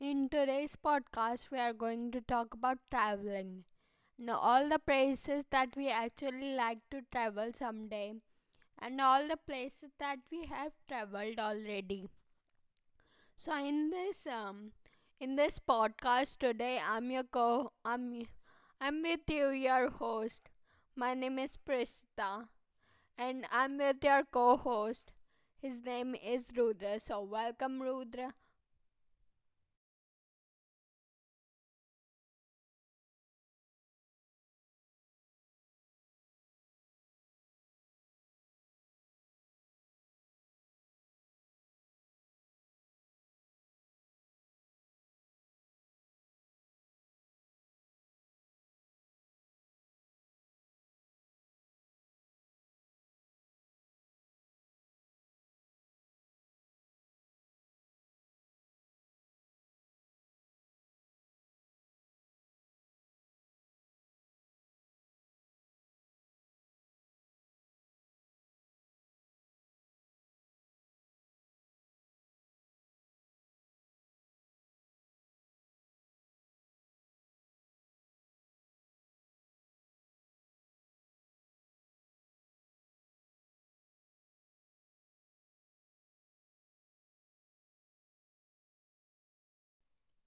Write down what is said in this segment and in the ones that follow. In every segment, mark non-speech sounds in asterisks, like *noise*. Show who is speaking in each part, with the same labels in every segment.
Speaker 1: In today's podcast, we are going to talk about traveling. Now, all the places that we actually like to travel someday, and all the places that we have traveled already. So, in this podcast today, I'm with you, your host. My name is Prishta and I'm with your co host. His name is Rudra. So, welcome, Rudra.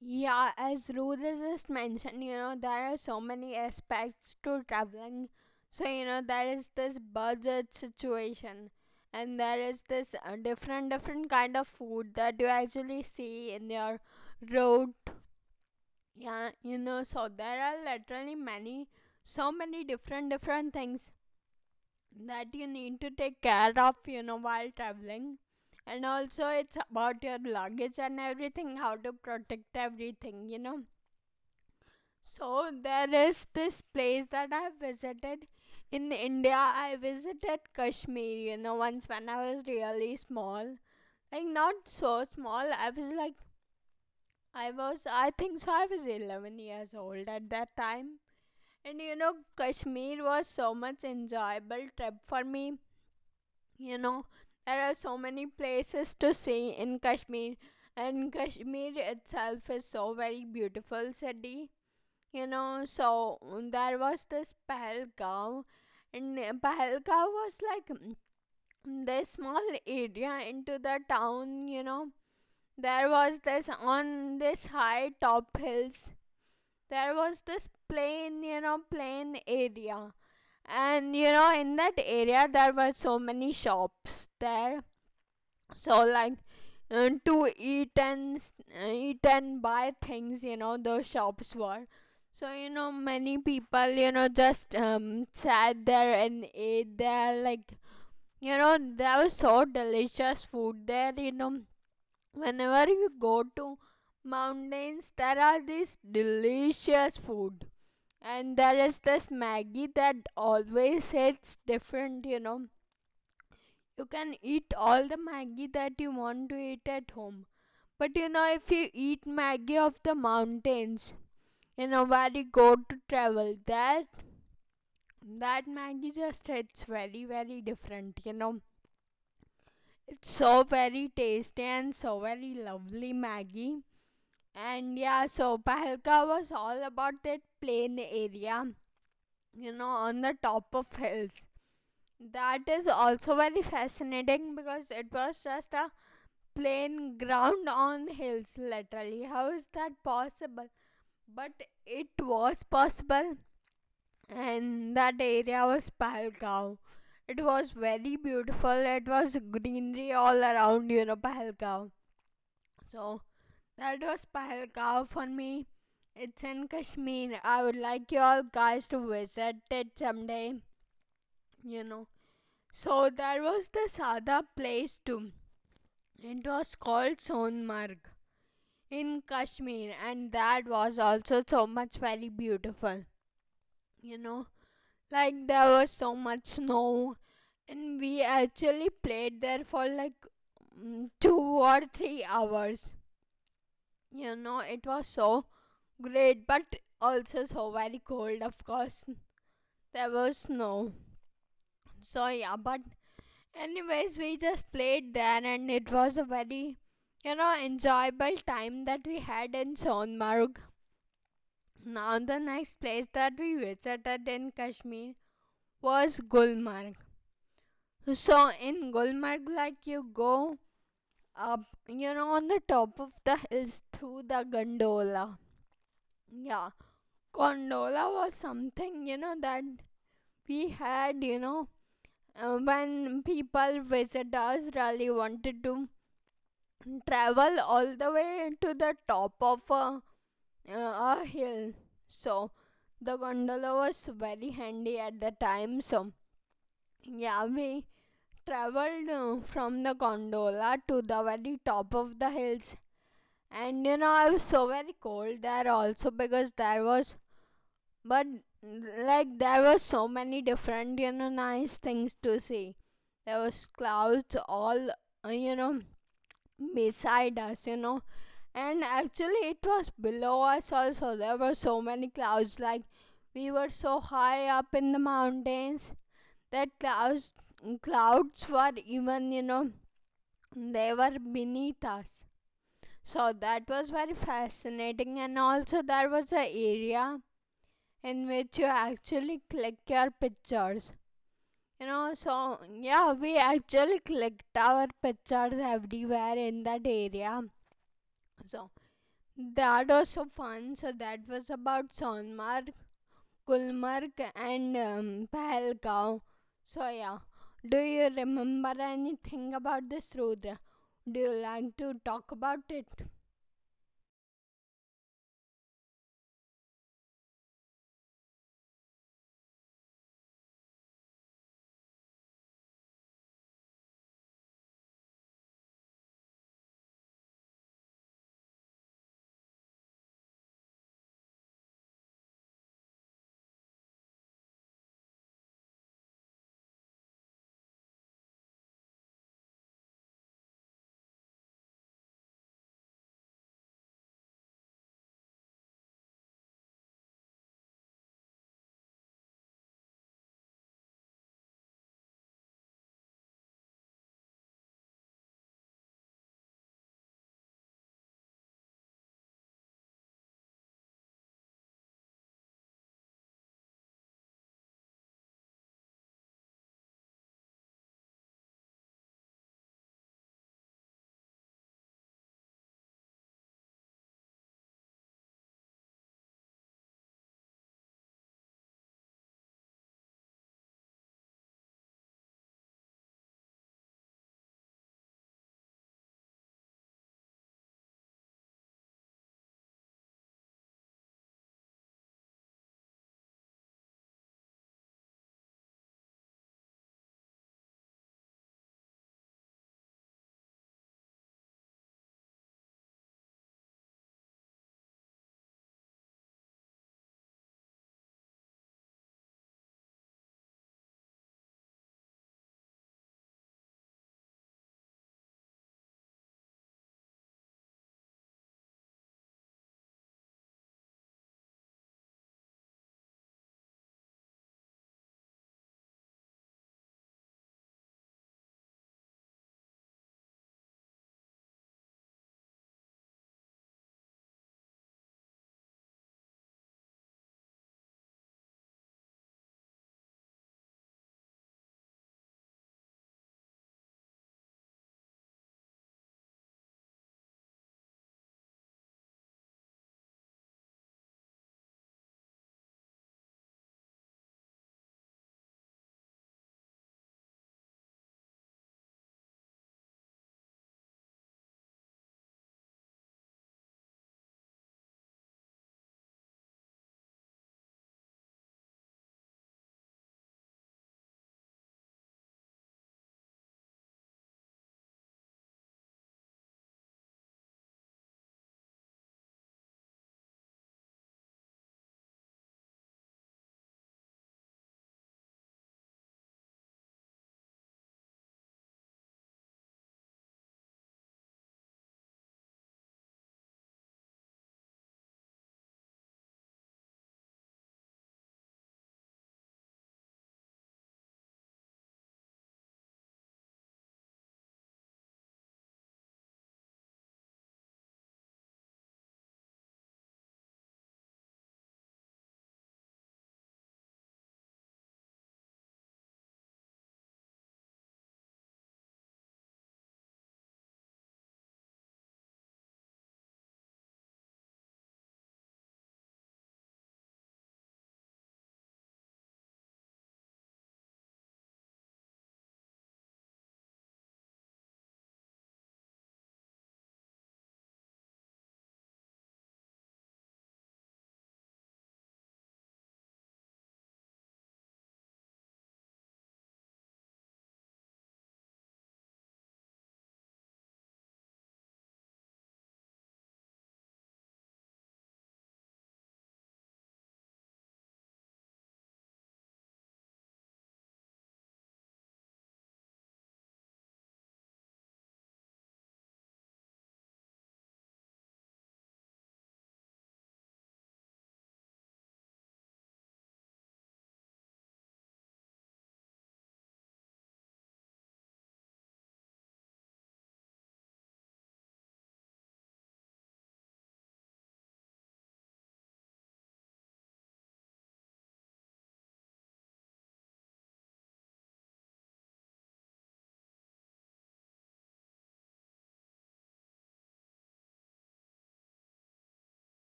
Speaker 1: Yeah, as Rudra just mentioned, there are so many aspects to traveling. So, there is this budget situation, and there is this different kind of food that you actually see in your road. Yeah, so there are literally many, so many different things that you need to take care of, while traveling. And also, it's about your luggage and everything, how to protect everything. So, there is this place that I visited in India. I visited Kashmir, you know, once when I was really small. Like, not so small, I was like, I was, I think so, I was 11 years old at that time. And you know, Kashmir was so much enjoyable trip for me. You know, there are so many places to see in Kashmir, and Kashmir itself is so very beautiful city. There was this Pahalgaon, and Pahalgaon was like this small area into the town. You know, there was this on this high top hills. There was this plain, you know, plain area. And you know, in that area, there were so many shops there so like to eat and eat and buy things, you know. The shops were so, you know, many people, you know, just sat there and ate there like, you know, there was so delicious food there, you know, whenever you go to mountains there are these delicious food and there is this maggie that always hits different, you know. You can eat all the Maggie that you want to eat at home. But you know, if you eat Maggie of the mountains, you know, where you go to travel, that Maggie just it's very very different, you know. It's so very tasty and so very lovely Maggie. And yeah, so Pahalka was all about that plain area, you know, on the top of hills. That is also very fascinating because it was just a plain ground *laughs* on hills. Literally, how is that possible? But it was possible, and that area was Pahalgam. It was very beautiful. It was greenery all around, you know, Pahalgam. So that was Pahalgam for me. It's in Kashmir. I would like you all guys to visit it someday. You know, so there was this other place too, it was called Sonmarg in Kashmir, and that was also so much very beautiful. You know, like there was so much snow, and we actually played there for like 2 or 3 hours. You know, it was so great, but also so very cold, of course. There was snow. So, yeah, but anyways, we just played there, and it was a very, you know, enjoyable time that we had in Sonmarg. Now, the next place that we visited in Kashmir was Gulmarg. So, in Gulmarg, like you go up, you know, on the top of the hills through the gondola. Yeah, gondola was something, you know, that we had, you know, when people, visitors really wanted to travel all the way to the top of uh, a hill. So, the gondola was very handy at the time. So, yeah, we traveled from the gondola to the very top of the hills, and you know, I was so very cold there also because there was, but like, there was so many different, you know, nice things to see. There was clouds all, you know, beside us, you know, and actually, it was below us also. There were so many clouds, like, we were so high up in the mountains that clouds were even, you know, they were beneath us. So that was very fascinating, and also there was an area in which you actually click your pictures, you know. So yeah, we actually clicked our pictures everywhere in that area. So that was so fun. So that was about sonmar Gulmarg and Pahalgam. So yeah, do you remember anything about this, Rudra? Do you like to talk about it?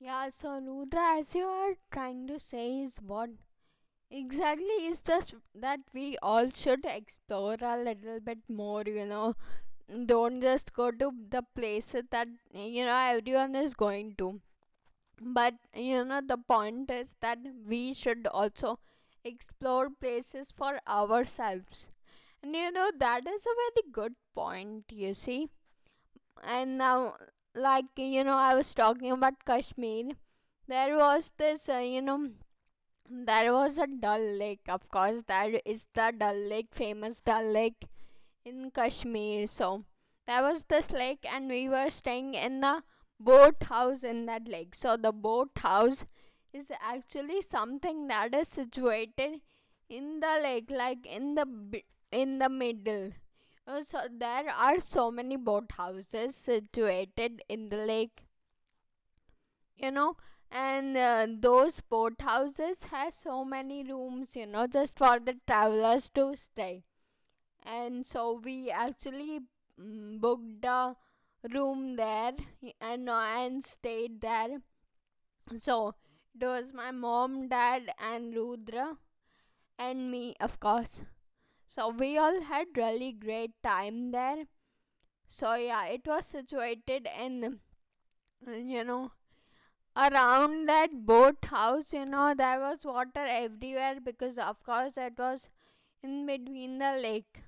Speaker 1: Yeah, so Rudra, as you are trying to say, is what exactly is just that we all should explore a little bit more, you know. Don't just go to the places that you know everyone is going to. But you know the point is that we should also explore places for ourselves, and you know that is a very good point, you see. And now like you know I was talking about Kashmir, there was this you know there was a Dal lake. Of course, there is the Dal lake, famous Dal lake in Kashmir. So that was this lake, and we were staying in the boathouse in that lake. So the boathouse is actually something that is situated in the lake, like in the in the middle. So there are so many boathouses situated in the lake, you know, and those boathouses have so many rooms, you know, just for the travelers to stay, and so we actually booked a room there, and and stayed there. So it was my mom, dad and Rudra and me, of course. So we all had really great time there. So yeah, it was situated in you know around that boat house. You know there was water everywhere because of course that was in between the lake.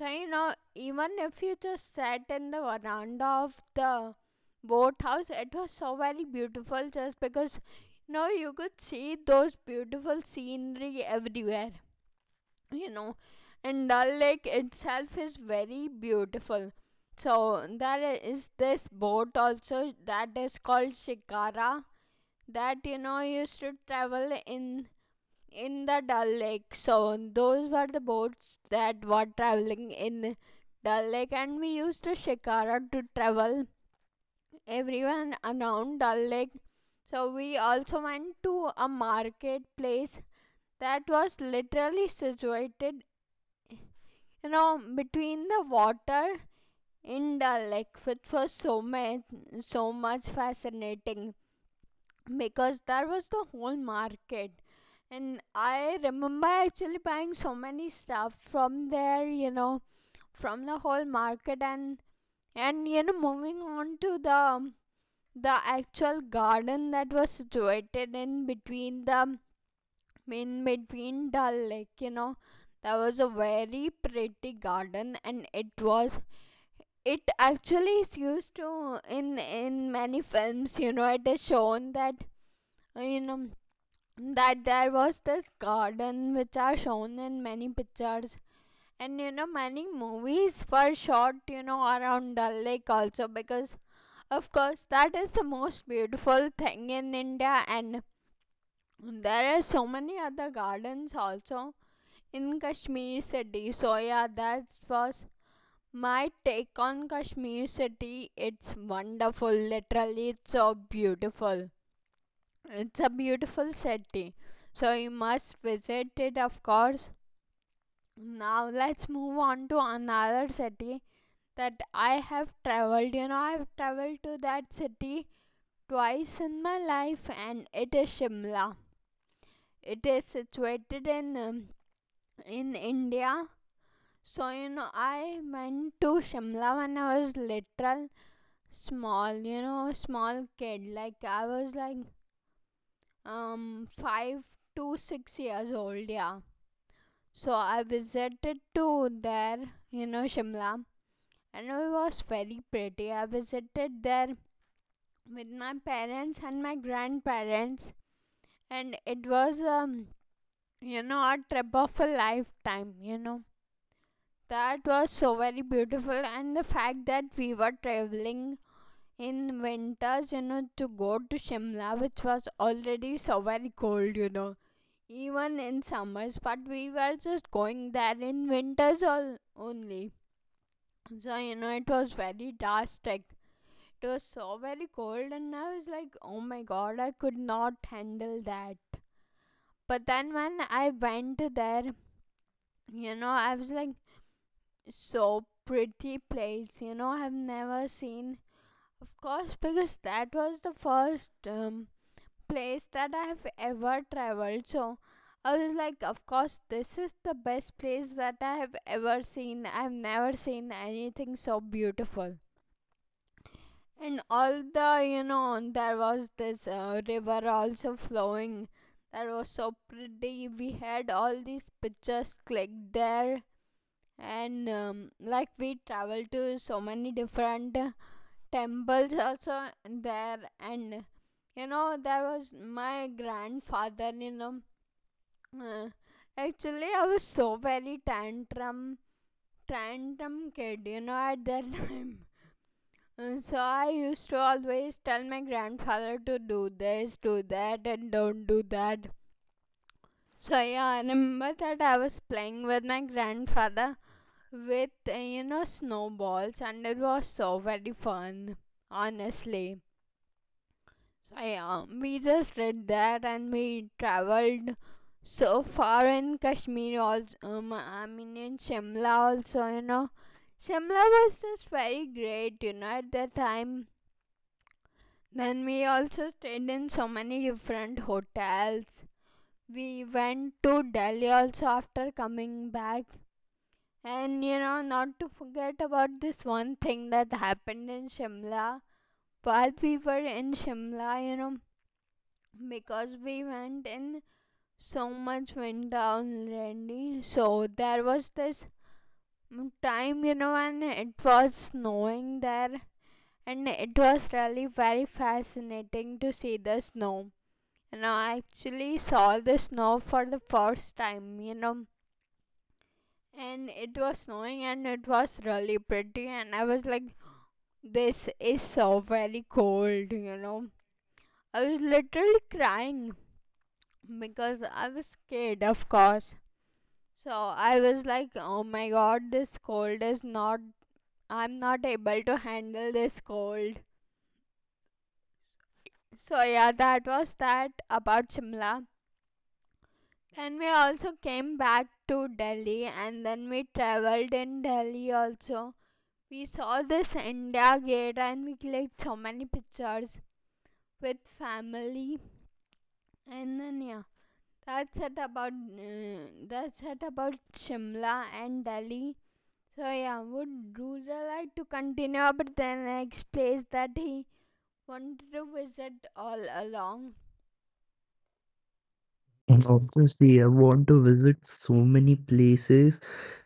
Speaker 1: So, you know, even if you just sat in the veranda of the boathouse, it was so very beautiful just because, you know, you could see those beautiful scenery everywhere, you know. And Dal Lake itself is very beautiful. So, there is this boat also that is called Shikara that, you know, used to travel in the Dal Lake. So those were the boats that were traveling in Dal Lake, and we used a shikara to travel everyone around Dal Lake. So we also went to a marketplace that was literally situated, you know, between the water in Dal Lake, which was so much, so much fascinating. Because there was the whole market, and I remember actually buying so many stuff from there, you know, from the whole market. And you know, moving on to the actual garden that was situated in between the in between Dal Lake, you know, that was a very pretty garden, and it was it actually is used to in many films. You know, it is shown that you know that there was this garden which are shown in many pictures and you know many movies were shot you know around Dal Lake also because of course that is the most beautiful thing in India. And there are so many other gardens also in Kashmir city. So yeah, that was my take on Kashmir city. It's wonderful, literally. It's so beautiful. It's a beautiful city, so you must visit it, of course. Now let's move on to another city that I have traveled. You know, I've traveled to that city twice in my life, and it is Shimla. It is situated in India. So you know, I went to Shimla when I was literal small. You know, small kid. Like I was like 5 to 6 years old. Yeah. So I visited to there, you know, Shimla, and it was very pretty. I visited there with my parents and my grandparents, and it was, you know, a trip of a lifetime, you know. That was so very beautiful, and the fact that we were traveling in winters, you know, to go to Shimla, which was already so very cold, you know, even in summers, but we were just going there in winters all only. So, you know, it was very drastic. It was so very cold, and I was like, oh my god, I could not handle that. But then when I went there, you know, I was like, so pretty place, you know, I've never seen. Of course, because that was the first place that I have ever traveled. So I was like, of course, this is the best place that I have ever seen. I've never seen anything so beautiful. And all the, you know, there was this river also flowing. That was so pretty. We had all these pictures clicked there. And like we traveled to so many different temples also there. And you know, there was my grandfather, you know. Uh, actually, I was so very tantrum, tantrum kid, at that *laughs* time. So I used to always tell my grandfather to do this, do that, and don't do that. So yeah, I remember that I was playing with my grandfather with snowballs, and it was so very fun, honestly. So yeah, we just did that, and we traveled so far in Kashmir. Also, I mean, in Shimla also. Shimla was just very great, at that time. Then we also stayed in so many different hotels. We went to Delhi also after coming back. And not to forget about this one thing that happened in Shimla. While we were in Shimla, because we went in so much winter already, so there was this time, when it was snowing there, and it was really very fascinating to see the snow, and I actually saw the snow for the first time. And it was snowing and it was really pretty, and I was like, this is so very cold. I was literally crying because I was scared, of course. So I was like, oh my god, this cold is not, I'm not able to handle this cold. So yeah, that was that about Shimla. Then we also came back to Delhi, and then we traveled in Delhi also. We saw this India Gate and we clicked so many pictures with family, and then yeah. That's it about uh, that's it about Shimla and Delhi. So yeah, would Rural like to continue about the next place that he wanted to visit all along?
Speaker 2: And obviously, I want to visit so many places.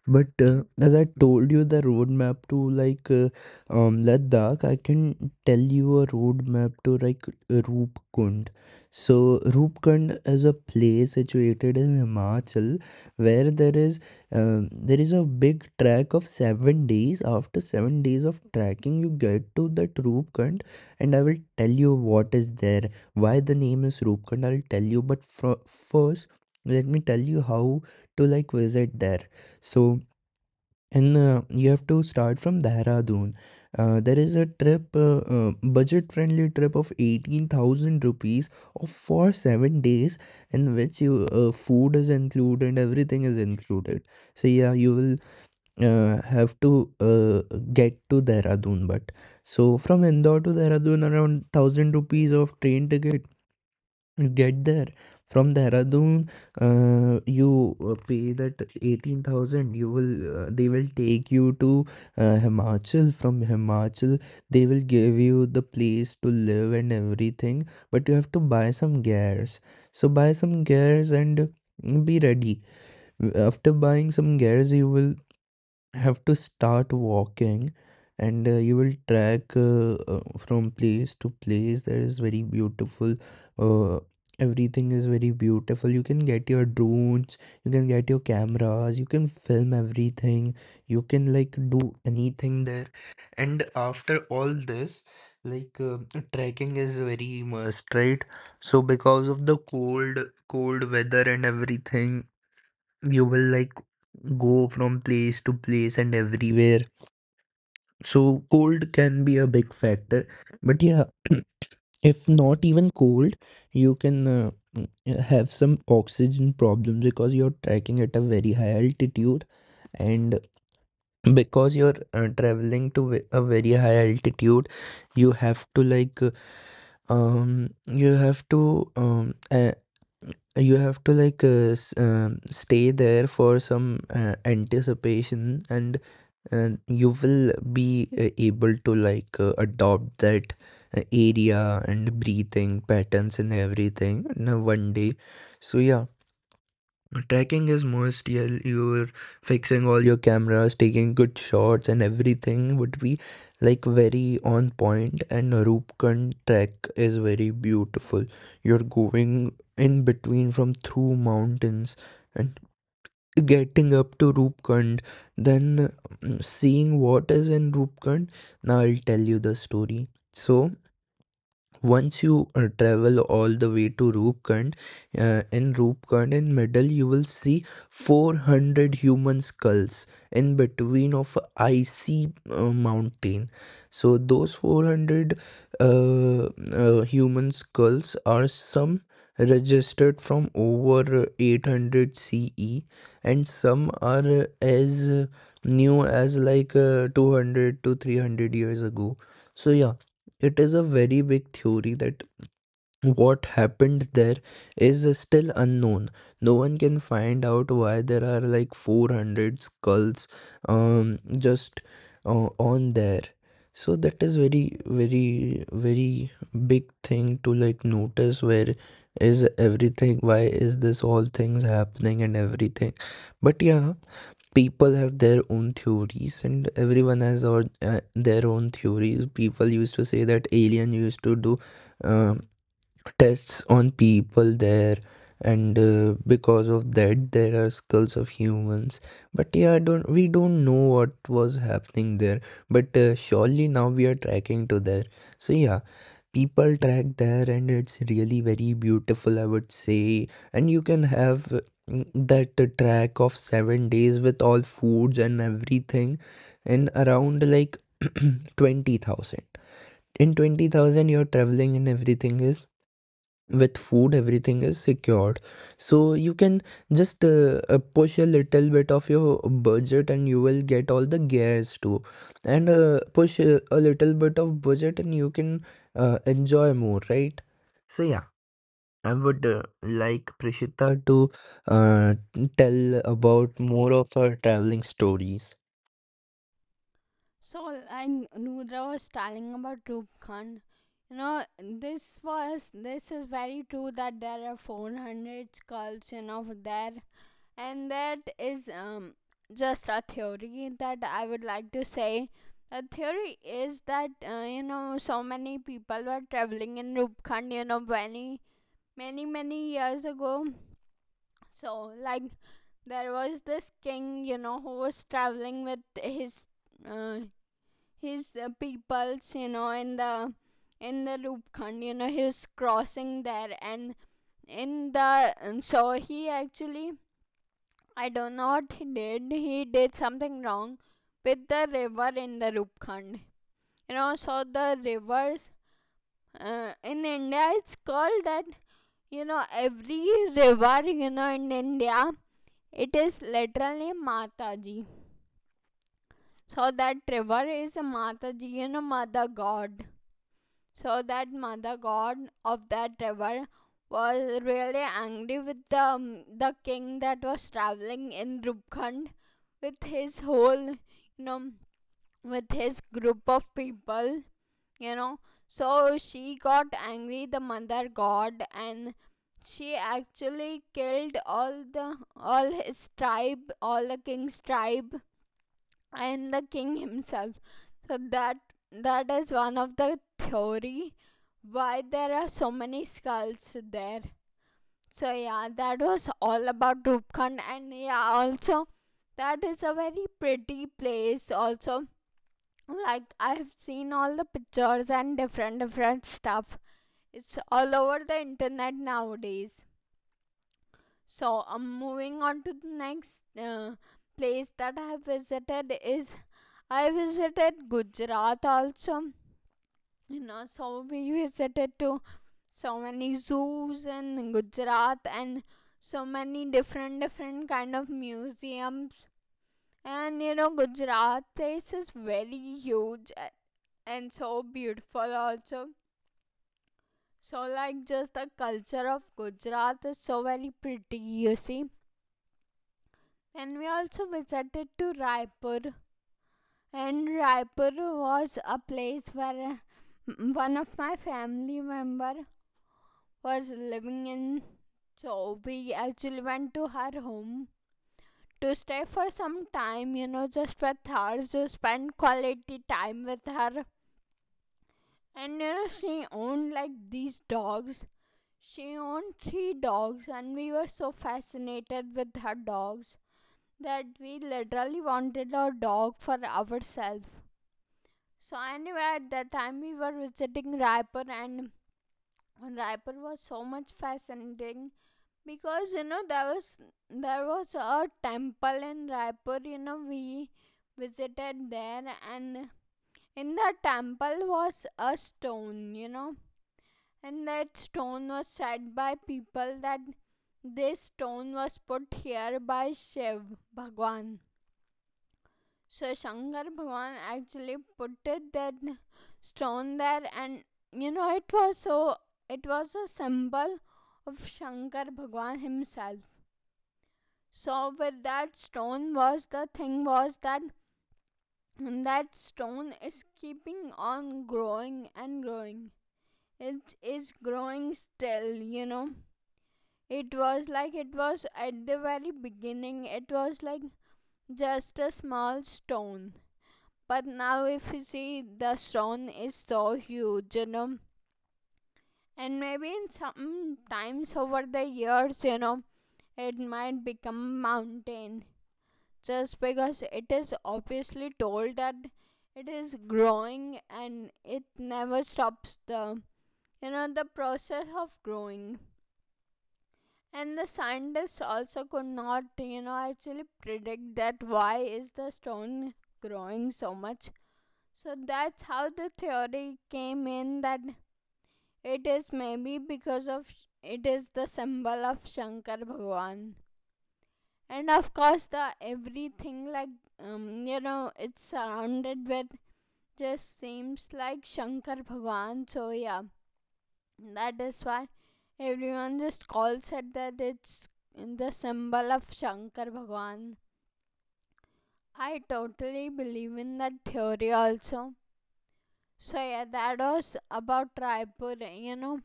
Speaker 2: But as I told you the roadmap to like Ladakh, I can tell you a roadmap to like Roopkund. So Roopkund is a place situated in Himachal where there is a big trek of 7 days. After 7 days of trekking, you get to that Roopkund, and I will tell you what is there, why the name is Roopkund. I'll tell you, but fro first, let me tell you how to like visit there. So and you have to start from Dehradun. There is a budget-friendly trip of 18,000 rupees of for 7 days, in which you food is included, everything is included. So yeah, you will have to get to Dehradun. But so from Indore to Dehradun, around thousand rupees of train ticket. Get there from Dehradun, you pay that 18,000. You will They will take you to Himachal. From Himachal they will give you the place to live and everything, but you have to buy some gears. So buy some gears and be ready. After buying some gears you will have to start walking, and you will track from place to place. That is very beautiful. uh, Everything is very beautiful. You can get your drones, you can get your cameras, you can film everything, you can like do anything there. And after all this, like trekking is very must, right? So because of the cold weather and everything, you will like go from place to place and everywhere. So cold can be a big factor. But yeah, *clears throat* if not even cold, you can have some oxygen problems because you're trekking at a very high altitude, and because you're traveling to a very high altitude, you have to um you have to um uh, stay there for some anticipation, and you will be able to adopt that area and breathing patterns and everything in a one day. So yeah, tracking is most. Yeah, you're fixing all your cameras, taking good shots, and everything would be like very on point. And Roopkund track is very beautiful. You're going in between from through mountains and getting up to Roopkund, then seeing what is in Roopkund. Now I'll tell you the story. So once you travel all the way to Rupkund, in Rupkund in middle you will see 400 human skulls in between of icy mountain. So those 400 uh, human skulls are some registered from over 800 CE, and some are as new as 200 to 300 years ago. So yeah, it is a very big theory that what happened there is still unknown. No one can find out why there are like 400 skulls um just on there. So that is very very very big thing to like notice where is everything, why is this all things happening and everything. But yeah, people have their own theories, and everyone has their own theories. People used to say that alien used to do um tests on people there, and because of that there are skulls of humans. But yeah, I don't we don't know what was happening there. But surely now we are tracking to there. So yeah, people track there, and it's really very beautiful, I would say. And you can have mm, that track of 7 days with all foods and everything in around like *clears throat* 20000 in 20,000, your traveling and everything is with food, everything is secured. So you can just push a little bit of your budget, and you will get all the gears too. And push a little bit of budget, and you can enjoy more, right? So yeah, I would like Prishita to uh, tell about more of her traveling stories.
Speaker 1: So, and Nudra was telling about Rupkhan. This is very true that there are 400 skulls there, and that is just a theory that I would like to say. The theory is that so many people were traveling in Rupkhan, many many many years ago. So like there was this king, who was traveling with uh, his peoples, in the Rupkhand, he was crossing there. And in the um, so he actually, I don't know what he did. He did something wrong with the river in the Rupkhand. So the rivers in India, it's called that. Every river, in India, it is literally Mataji. So that river is a Mataji, Mother God. So that mother god of that river was really angry with the king that was traveling in Rupkhand with know, his group of people, you know. So she got angry, the mother god, and she actually killed all his tribe, all the king's tribe, and the king himself. So that that is one of the theory why there are so many skulls there. So yeah, that was all about Rupkund. And yeah, also that is a very pretty place also. Like, I've seen all the pictures and different different stuff. It's all over the internet nowadays. So I'm moving on to the next place that I have visited is I visited Gujarat also. You know, so we visited to so many zoos in Gujarat and so many different different kind of museums. And Gujarat place is very huge and so beautiful also. So like, just the culture of Gujarat is so very pretty, you see. And we also visited to Raipur. And Raipur was a place where one of my family member was living in. So we actually went to her home to stay for some time, just with her, to spend quality time with her. And she owned like these dogs. She owned three dogs, and we were so fascinated with her dogs that we literally wanted a dog for ourselves. So anyway, at that time we were visiting Raipur, and Raipur was so much fascinating because there was a temple in Raipur. We visited there, and in the temple was a stone. And that stone was said by people that this stone was put here by Shiv Bhagwan. So Shankar Bhavan actually put it that stone there, and it was so it was a symbol of Shankar Bhagwan himself. So with that stone was, the thing was that that stone is keeping on growing and growing. It is growing still. It was like, it was at the very beginning. It was like just a small stone. But now, if you see, the stone is so huge. And maybe in some times over the years, it might become mountain just because it is obviously told that it is growing and it never stops the you know the process of growing, and the scientists also could not actually predict that why is the stone growing so much. So that's how the theory came in that it is maybe because of it is the symbol of Shankar Bhagwan. And of course, the everything, it's surrounded with just seems like Shankar Bhagwan. So yeah, that is why everyone just calls it that it's the symbol of Shankar Bhagwan. I totally believe in that theory also. So yeah, that was about Raipur.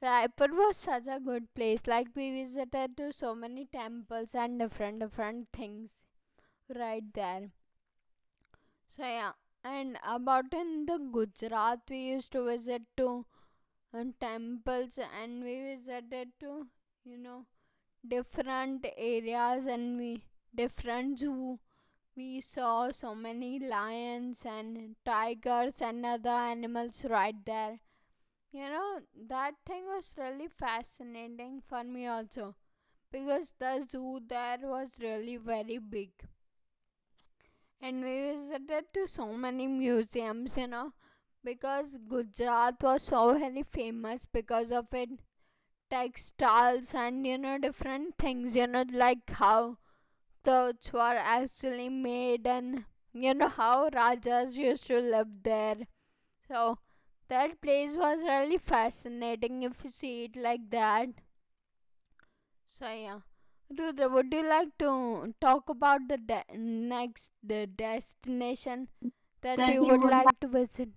Speaker 1: Raipur was such a good place. Like, we visited to so many temples and different different things right there. So yeah, and about in the Gujarat, we used to visit to temples and we visited to you know different areas and we different zoo. We saw so many lions and tigers and other animals right there. You know, that thing was really fascinating for me also, because the zoo there was really very big. And we visited to so many museums, because Gujarat was so very famous because of its textiles and different things, like how clothes were actually made and how rajas used to live there. So that place was really fascinating if you see it like that. So yeah. Rudra, would you like to talk about the de- next the destination that you would like to visit?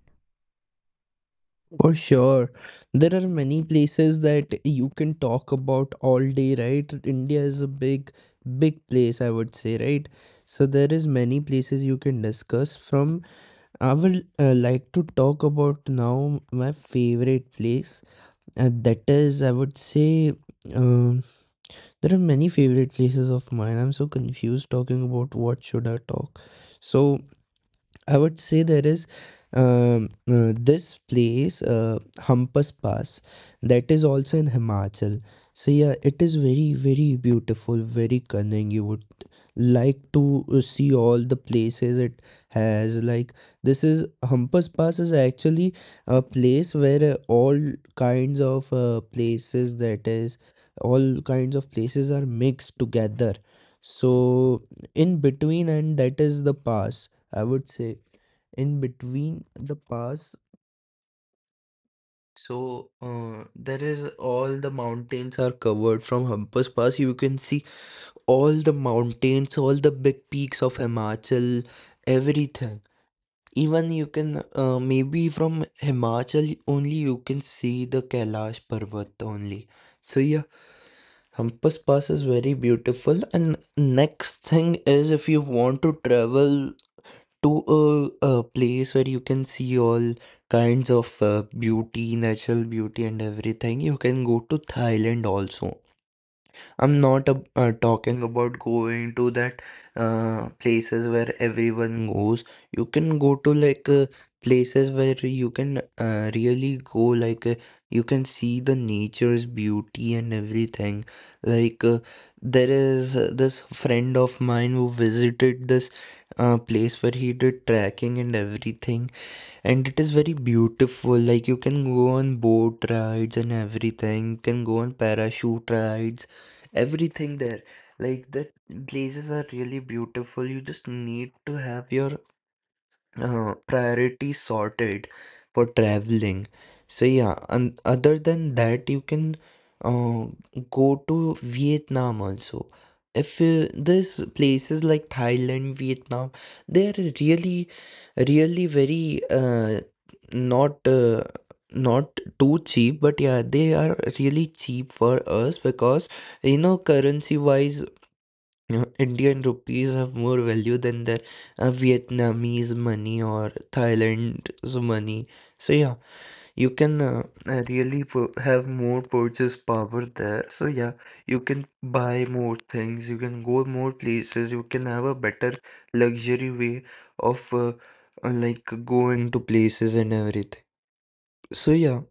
Speaker 2: For sure. There are many places that you can talk about all day, right? India is a big, big place, I would say, right? So there is many places you can discuss from. I will like to talk about now my favorite place, and that is, I would say, um, there are many favorite places of mine. I'm so confused talking about what should I talk. So I would say there is this place, Hampas Pass, that is also in Himachal. So yeah, it is very, very beautiful, very cunning. You would like to see all the places it has. Like, this is Humpers Pass, is actually a place where all kinds of places, that is all kinds of places are mixed together. So in between, and that is the pass, I would say, in between the pass. So there is all the mountains are covered from Humpers Pass. You can see all the mountains, all the big peaks of Himachal, everything. Even you can maybe from Himachal only, you can see the Kailash Parvat only. So yeah, Hampus Pass is very beautiful. And next thing is if you want to travel to a place where you can see all kinds of beauty, natural beauty and everything, you can go to Thailand also. I'm not talking about going to that places where everyone goes. You can go to like places where you can really go. Like, you can see the nature's beauty and everything. Like there is this friend of mine who visited this place where he did trekking and everything, and it is very beautiful. Like, you can go on boat rides and everything, you can go on parachute rides, everything there. Like, the places are really beautiful. You just need to have your priority sorted for traveling. So yeah, and other than that, you can uh, go to Vietnam also. If there's places like Thailand, Vietnam, they're really, really very not uh, not too cheap, but yeah, they are really cheap for us because you know currency wise, you know, Indian rupees have more value than the Vietnamese money or Thailand's money. So yeah, you can really have more purchase power there. So yeah, you can buy more things, you can go more places, you can have a better luxury way of like going to places and everything. So yeah.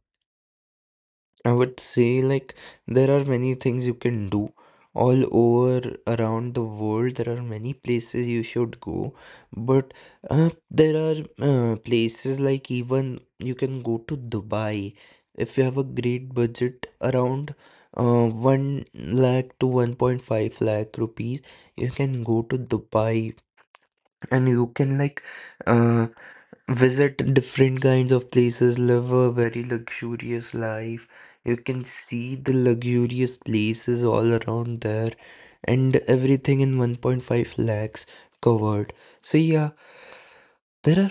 Speaker 2: I would say, like, there are many things you can do all over around the world. There are many places you should go, but there are places like, even you can go to Dubai if you have a great budget around 1 lakh to 1.5 lakh rupees. You can go to Dubai and you can like uh, visit different kinds of places, live a very luxurious life. You can see the luxurious places all around there and everything in 1.5 lakhs covered. So, yeah, there are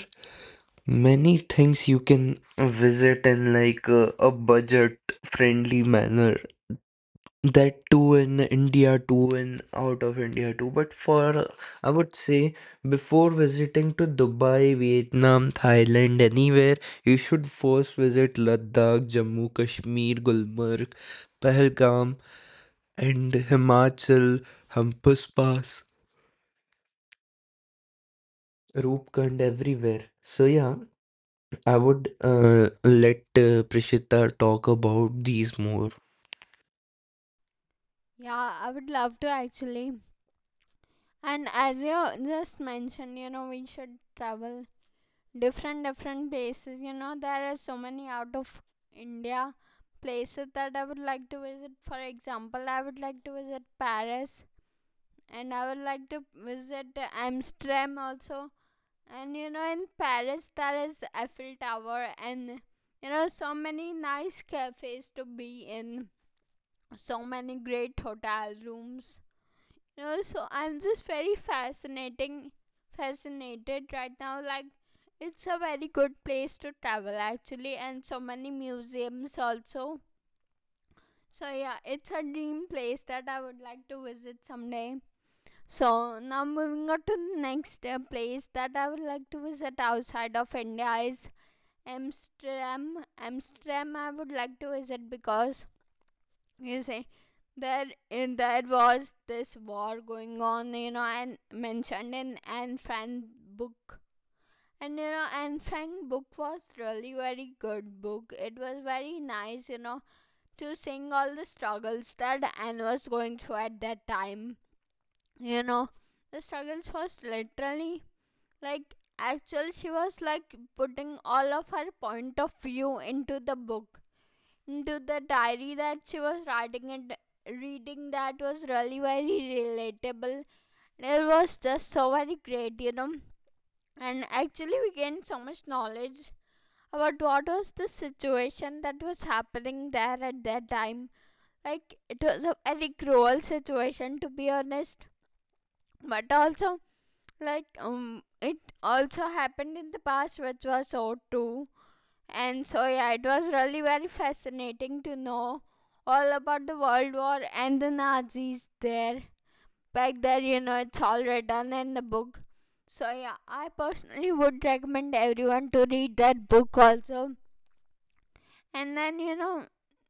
Speaker 2: many things you can visit in like a budget friendly manner, that too in India too and out of India too. But for I would say before visiting to Dubai, Vietnam, Thailand, anywhere, you should first visit Ladakh, Jammu, Kashmir, Gulmarg, Pahalgam, and Himachal, Hampus Pass, Roopkund, everywhere. So yeah, I would let Prishita talk about these more.
Speaker 1: Yeah, I would love to actually. And as you just mentioned, we should travel different different places. There are so many out of India places that I would like to visit. For example, I would like to visit Paris, and I would like to visit Amsterdam also. And in Paris, there is Eiffel Tower, and so many nice cafes to be in, so many great hotel rooms. So I'm just very fascinated right now. Like, it's a very good place to travel actually, and so many museums also. So yeah, it's a dream place that I would like to visit someday. So now moving on to the next place that I would like to visit outside of India is Amsterdam. Amsterdam I would like to visit because you see, there was this war going on, and mentioned in Anne Frank book. And Anne Frank book was really very good book. It was very nice, to seeing all the struggles that Anne was going through at that time. You know, the struggles was literally like actual, she was like putting all of her point of view into the diary that she was writing and reading. That was really very relatable. It was just so very great. And actually we gained so much knowledge about what was the situation that was happening there at that time. Like, it was a very cruel situation, to be honest, but also, like, it also happened in the past, which was so too. And so yeah, it was really very fascinating to know all about the World War and the Nazis there. Back there, it's all written in the book. So yeah, I personally would recommend everyone to read that book also. And then you know,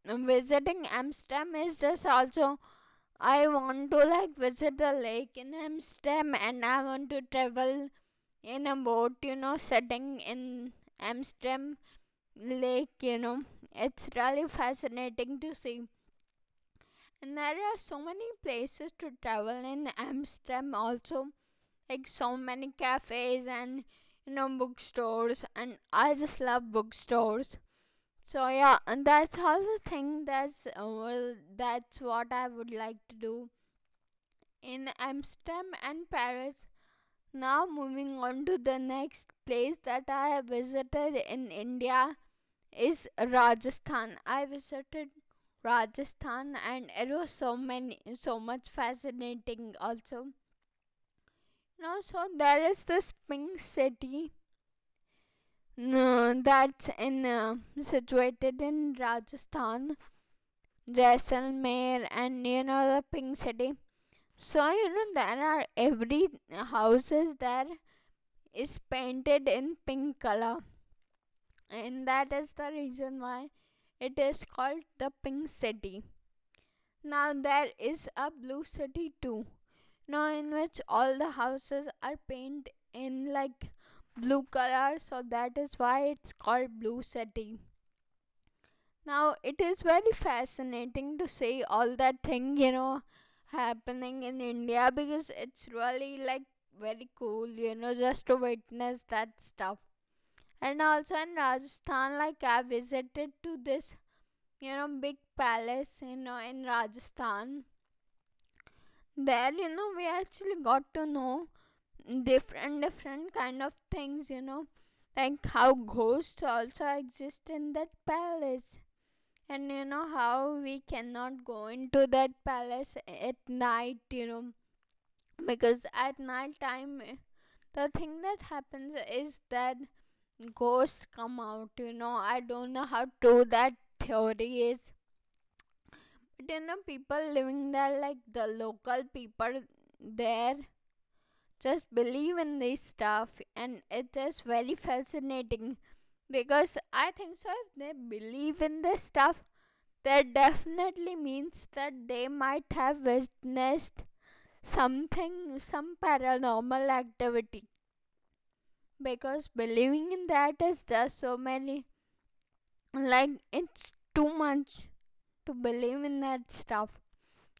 Speaker 1: um, visiting Amsterdam is just also I want to like visit the lake in Amsterdam, and I want to travel in a boat, setting in Amsterdam Lake. It's really fascinating to see. And there are so many places to travel in Amsterdam also, like so many cafes and bookstores, and I just love bookstores. So yeah, and that's all the thing that's what I would like to do in Amsterdam and Paris. Now, moving on to the next place that I have visited in India is Rajasthan. I visited Rajasthan, and it was so much fascinating also. Now, so there is this pink city that's in situated in Rajasthan, Jaisalmer, and the pink city. So there are every houses there is painted in pink color, and that is the reason why it is called the pink city. Now there is a blue city too. Now in which all the houses are painted in like blue color, so that is why it's called blue city. Now it is very fascinating to see all that thing happening in India because it's really like very cool just to witness that stuff. And also in Rajasthan, like I visited to this big palace in Rajasthan. There, we actually got to know different different kind of things. Like how ghosts also exist in that palace, and you know how we cannot go into that palace at night. You know, because at night time, the thing that happens is that ghosts come out. I don't know how true that theory is. But people living there, like the local people there, just believe in this stuff, and it is very fascinating because I think so. If they believe in this stuff, that definitely means that they might have witnessed something, some paranormal activity. Because believing in that is just so many, like, it's too much to believe in that stuff.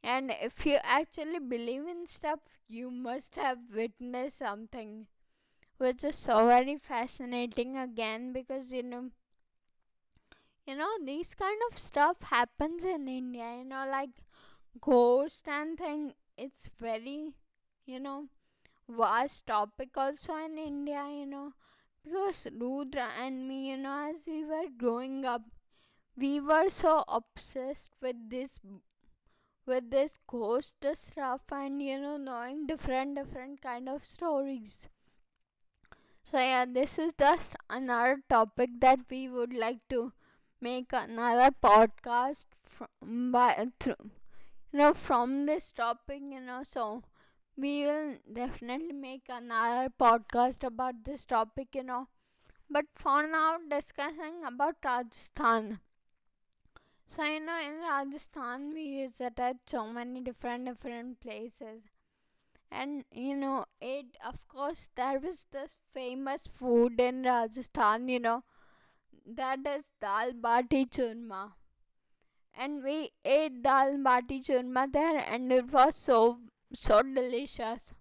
Speaker 1: And if you actually believe in stuff, you must have witnessed something, which is so very fascinating again because these kind of stuff happens in India. Like ghost and thing. It's very, you know, vast topic also in India. Because Rudra and me, as we were growing up, we were so obsessed with this ghost stuff, and knowing different different kind of stories. So yeah, this is just another topic that we would like to make another podcast from by through from this topic, so we will definitely make another podcast about this topic, but for now discussing about Rajasthan. So in Rajasthan we visited so many different different places. And you know, it of course there was this famous food in Rajasthan, that is dal bati churma. And we ate dal bati churma there and it was so so delicious.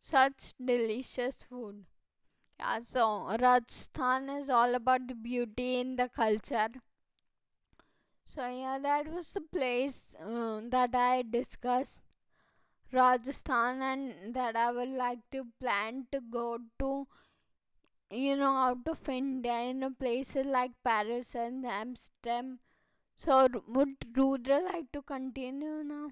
Speaker 1: Such delicious food. Yeah, so Rajasthan is all about the beauty in the culture. So yeah, that was the place that I discussed, Rajasthan, and that I would like to plan to go to, out of India in places like Paris and Amsterdam. So, would Rudra like to continue now?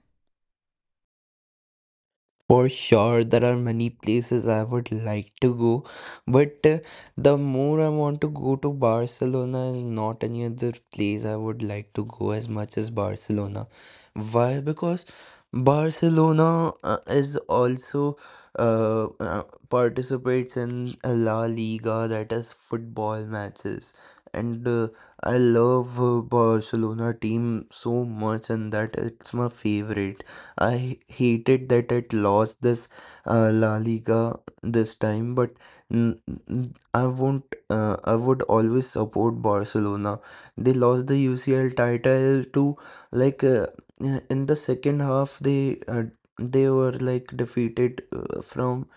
Speaker 2: For sure, there are many places I would like to go, but the more I want to go to Barcelona is not any other place I would like to go as much as Barcelona. Why? Because Barcelona is also uh, uh, participates in La Liga, that is football matches, and I love Barcelona team so much, and that it's my favorite. I hated that it lost this La Liga this time, but n- n- I won't. I would always support Barcelona. They lost the UCL title to like uh, in the second half. They were like defeated from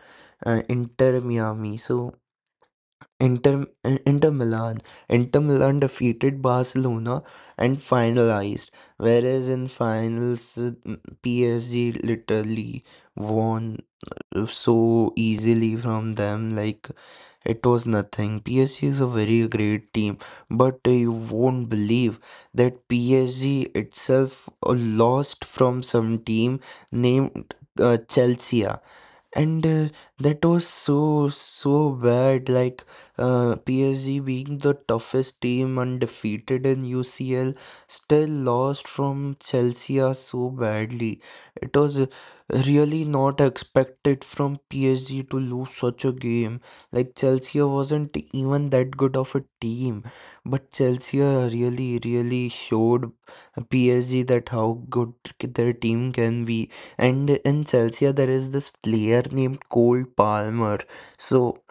Speaker 2: Inter Miami. So Inter, Inter Milan. Inter Milan defeated Barcelona and finalized, whereas in finals PSG literally won so easily from them like it was nothing. PSG is a very great team, but you won't believe that PSG itself lost from some team named Chelsea. And that was so, so bad. Like, PSG being the toughest team, undefeated in UCL, still lost from Chelsea so badly. It was really not expected from PSG to lose such a game. Like, Chelsea wasn't even that good of a team, but Chelsea really, really showed PSG that how good their team can be. And in Chelsea there is this player named Cole Palmer. So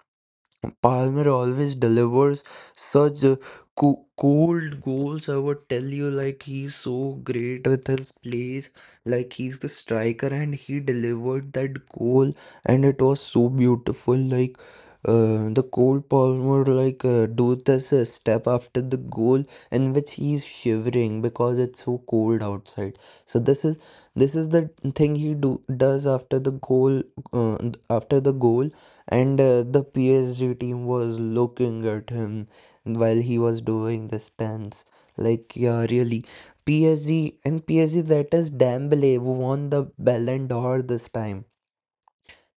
Speaker 2: Palmer always delivers such cold goals. I would tell you, like, he's so great with his plays. Like, he's the striker, and he delivered that goal, and it was so beautiful. Like, the Cole Palmer, like, do this step after the goal, in which he's shivering because it's so cold outside. So, this is the thing he do does uh, after the goal, and the PSG team was looking at him while he was doing the stance. Like, yeah, really. PSG and PSG, that is Dembele, who won the Ballon d'Or this time.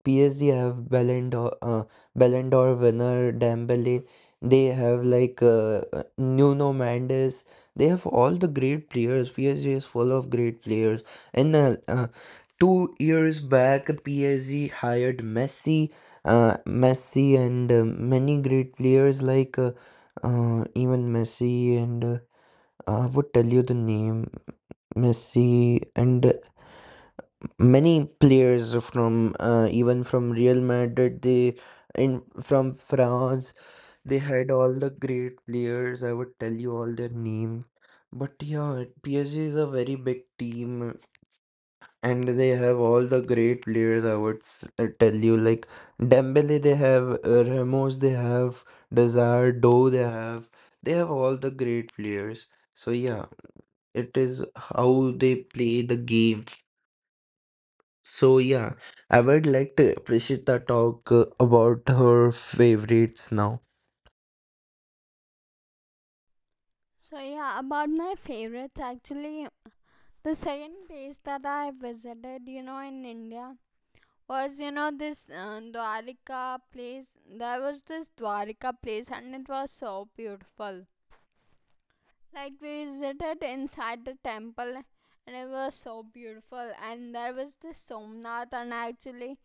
Speaker 2: PSG have Ballon d'Or winner Dembele. They have like Nuno Mendes. They have all the great players. PSG is full of great players. And 2 years back, PSG hired Messi and many great players like even Messi, and I would tell you the name Messi, and many players from even from Real Madrid. They in From France, they had all the great players. I would tell you all their names. But yeah, PSG is a very big team and they have all the great players. I would tell you like Dembele, they have Ramos, they have Desire, Doe, they have all the great players. So yeah, it is how they play the game. So yeah, I would like to appreciate the talk about her favorites now.
Speaker 1: So, yeah, about my favorites actually, the second place that I visited, in India was, this Dwarika place. There was this Dwarka place and it was so beautiful. Like, we visited inside the temple and it was so beautiful. And there was this Somnath, and actually,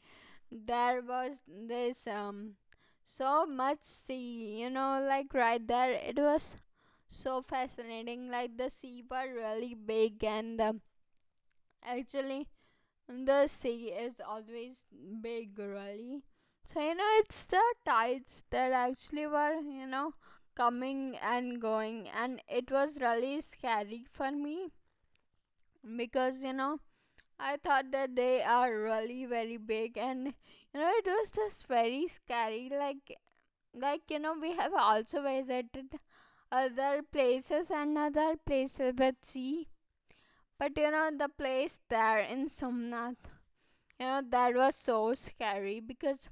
Speaker 1: there was this so much sea, like right there. It was so fascinating, like the sea were really big. And actually the sea is always big really, so it's the tides that actually were, coming and going. And it was really scary for me because I thought that they are really very big, and it was just very scary. Like we have also visited other places and other places, but the place there in Somnath, that was so scary because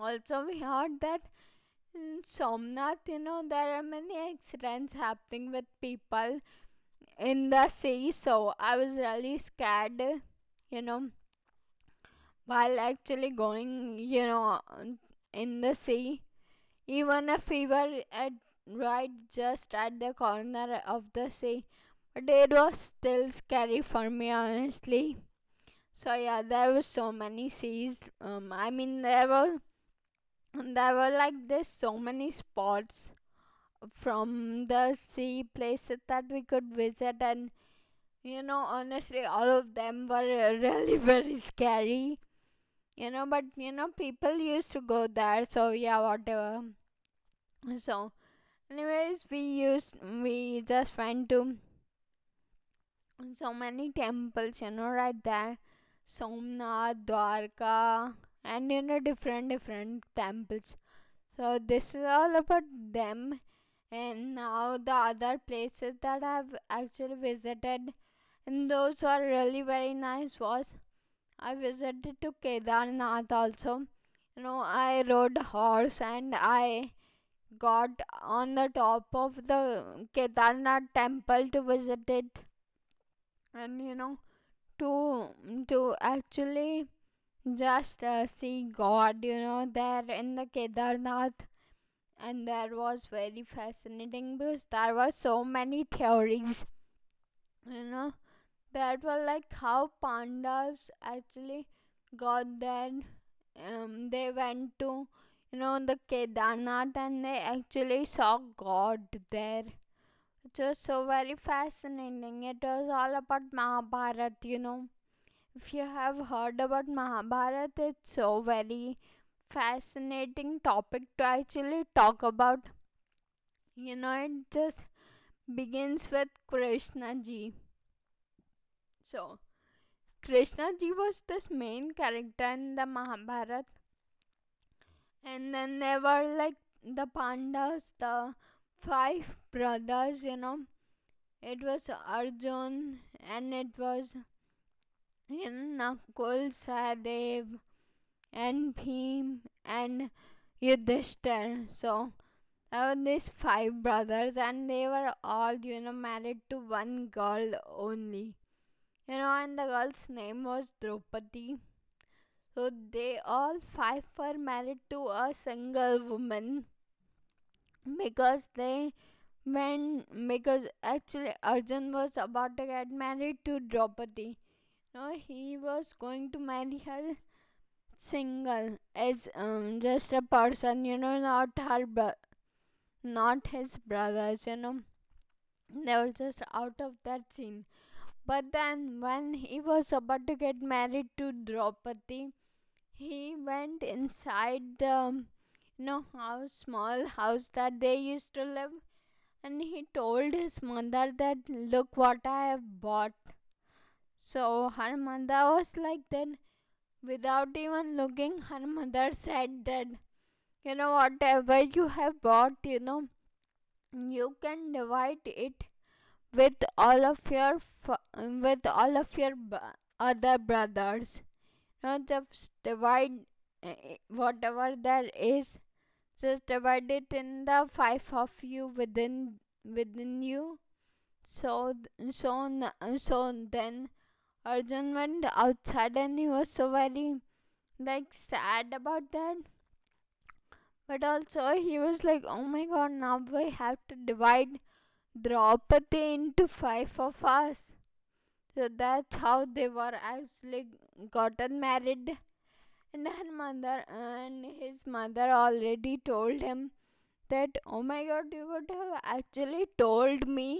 Speaker 1: also we heard that in Somnath, there are many accidents happening with people in the sea. So I was really scared, you know while actually going, in the sea. Even if we were at right just at the corner of the sea, but it was still scary for me, honestly. So yeah, there were so many seas. I mean, there were like this so many spots from the sea places that we could visit, and honestly, all of them were *laughs* really very scary, but people used to go there. So yeah, whatever. So anyways, we just went to so many temples, right there, Somnath, Dwarka, and different different temples. So this is all about them. And now the other places that I've actually visited, and those were really very nice, was I visited to Kedarnath also. I rode a horse and I got on the top of the Kedarnath temple to visit it, and to to actually just see God, there in the Kedarnath. And that was very fascinating because there were so many theories, you know, that was like how pandas actually got there. They went to the Kedarnath and they actually saw God there. It was so very fascinating. It was all about Mahabharat. If you have heard about Mahabharat, it's so very fascinating topic to actually talk about. It just begins with Krishna ji. So Krishna ji was this main character in the Mahabharata, and then there were like the Pandavas, the five brothers. It was Arjun, and it was in Nakul, Sahadev, and Bhim, and Yudhishthir. So there were these five brothers, and they were all, married to one girl only. And the girl's name was Draupadi. So they all five were married to a single woman because they when because actually Arjun was about to get married to Draupadi. No, he was going to marry her single as just a person, not his brothers. They were just out of that scene. But then when he was about to get married to Draupadi, he went inside the house, small house that they used to live, and he told his mother that look what I have bought. So her mother was like that, without even looking her mother said that whatever you have bought, you can divide it with all of your with all of your b- other brothers. Just divide whatever there is, just divided in the five of you, within you. So so so then Arjun went outside and he was so very like sad about that. But also he was like, oh my god, now we have to divide Draupadi into five of us. So that's how they were actually gotten married. And her mother and his mother already told him that oh my god, you would have actually told me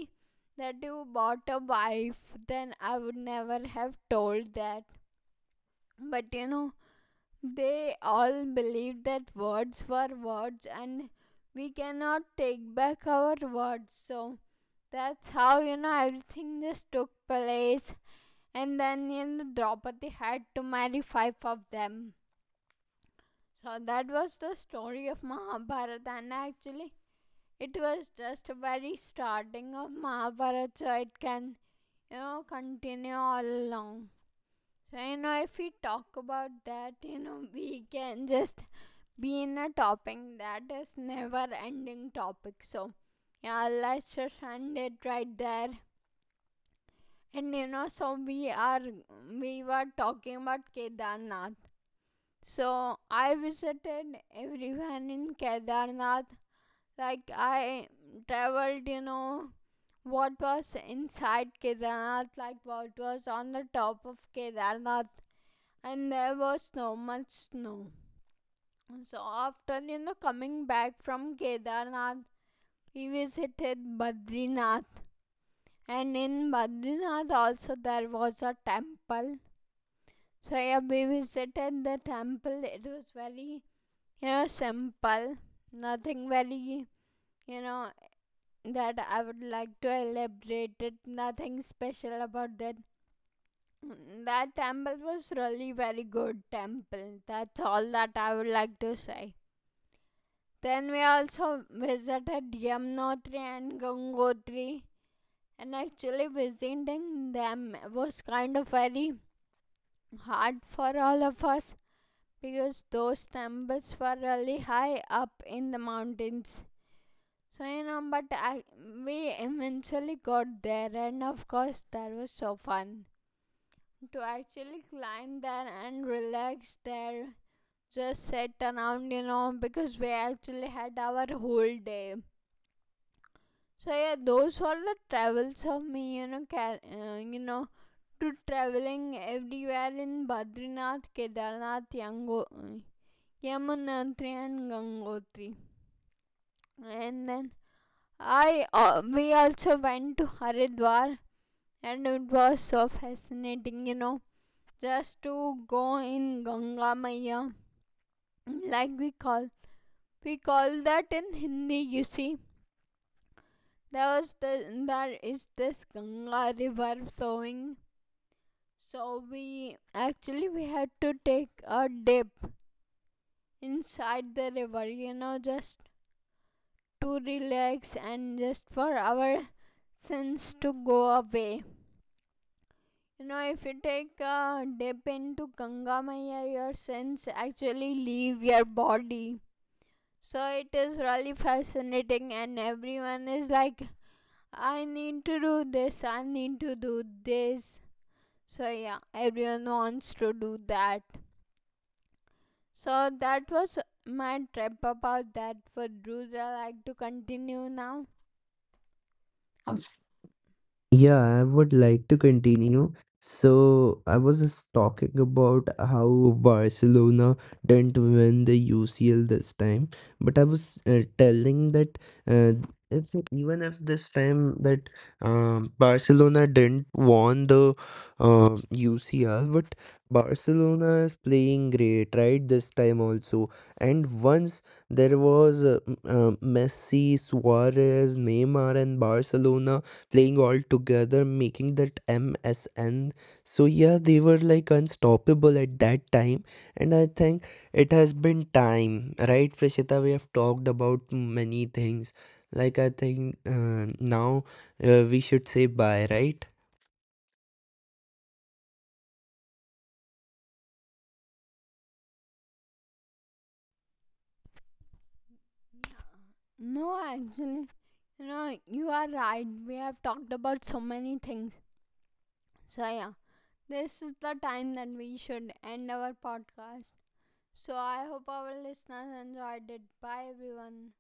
Speaker 1: that you bought a wife, then I would never have told that. But they all believed that words were words and we cannot take back our words. So that's how everything just took place. And then Draupadi had to marry five of them. So that was the story of Mahabharata. And actually it was just very starting of Mahabharata, so it can, continue all along. So, if we talk about that, we can just be in a topic that is never ending topic. So, yeah, let's just end it right there. And so we were talking about Kedarnath. So I visited everyone in Kedarnath. Like I traveled, what was inside Kedarnath, like what was on the top of Kedarnath, and there was so much snow. So after coming back from Kedarnath, we visited Badrinath, and in Badrinath also there was a temple. So yeah, we visited the temple. It was very simple, nothing very you know that I would like to elaborate it. Nothing special about that. That temple was really very good temple. That's all that I would like to say. Then we also visited Yamunotri and Gangotri. And actually visiting them was kind of very hard for all of us because those temples were really high up in the mountains. So but we eventually got there, and of course that was so fun to actually climb there and relax there, just sat around, because we actually had our whole day. So yeah, those were the travels of me, you know, ca- you know, to traveling everywhere in Badrinath, Kedarnath, Yamunotri, and Gangotri. And then I we also went to Haridwar, and it was so fascinating, just to go in Ganga Maya, like we call that in Hindi. You see, There was the there is this Ganga river flowing. So we actually we had to take a dip inside the river, just to relax and just for our sins to go away. If you take a dip into Ganga Maya, your sins actually leave your body. So it is really fascinating, and everyone is like, I need to do this, I need to do this. So yeah, everyone wants to do that. So that was my trip about that. Would Rudra like to continue now? Um,
Speaker 2: Yeah, I would like to continue. So I was just talking about how Barcelona didn't win the UCL this time, but I was telling that uh, it's like, even if this time that Barcelona didn't won the UCL, but Barcelona is playing great right this time also. And once there was Messi, Suarez, Neymar, and Barcelona playing all together, making that MSN. So yeah, they were like unstoppable at that time, and I think it has been time, right, Prashita? We have talked about many things. Like I think now we should say bye, right?
Speaker 1: no, actually, you are right. We have talked about so many things. So yeah, this is the time that we should end our podcast. So I hope our listeners enjoyed it. Bye everyone.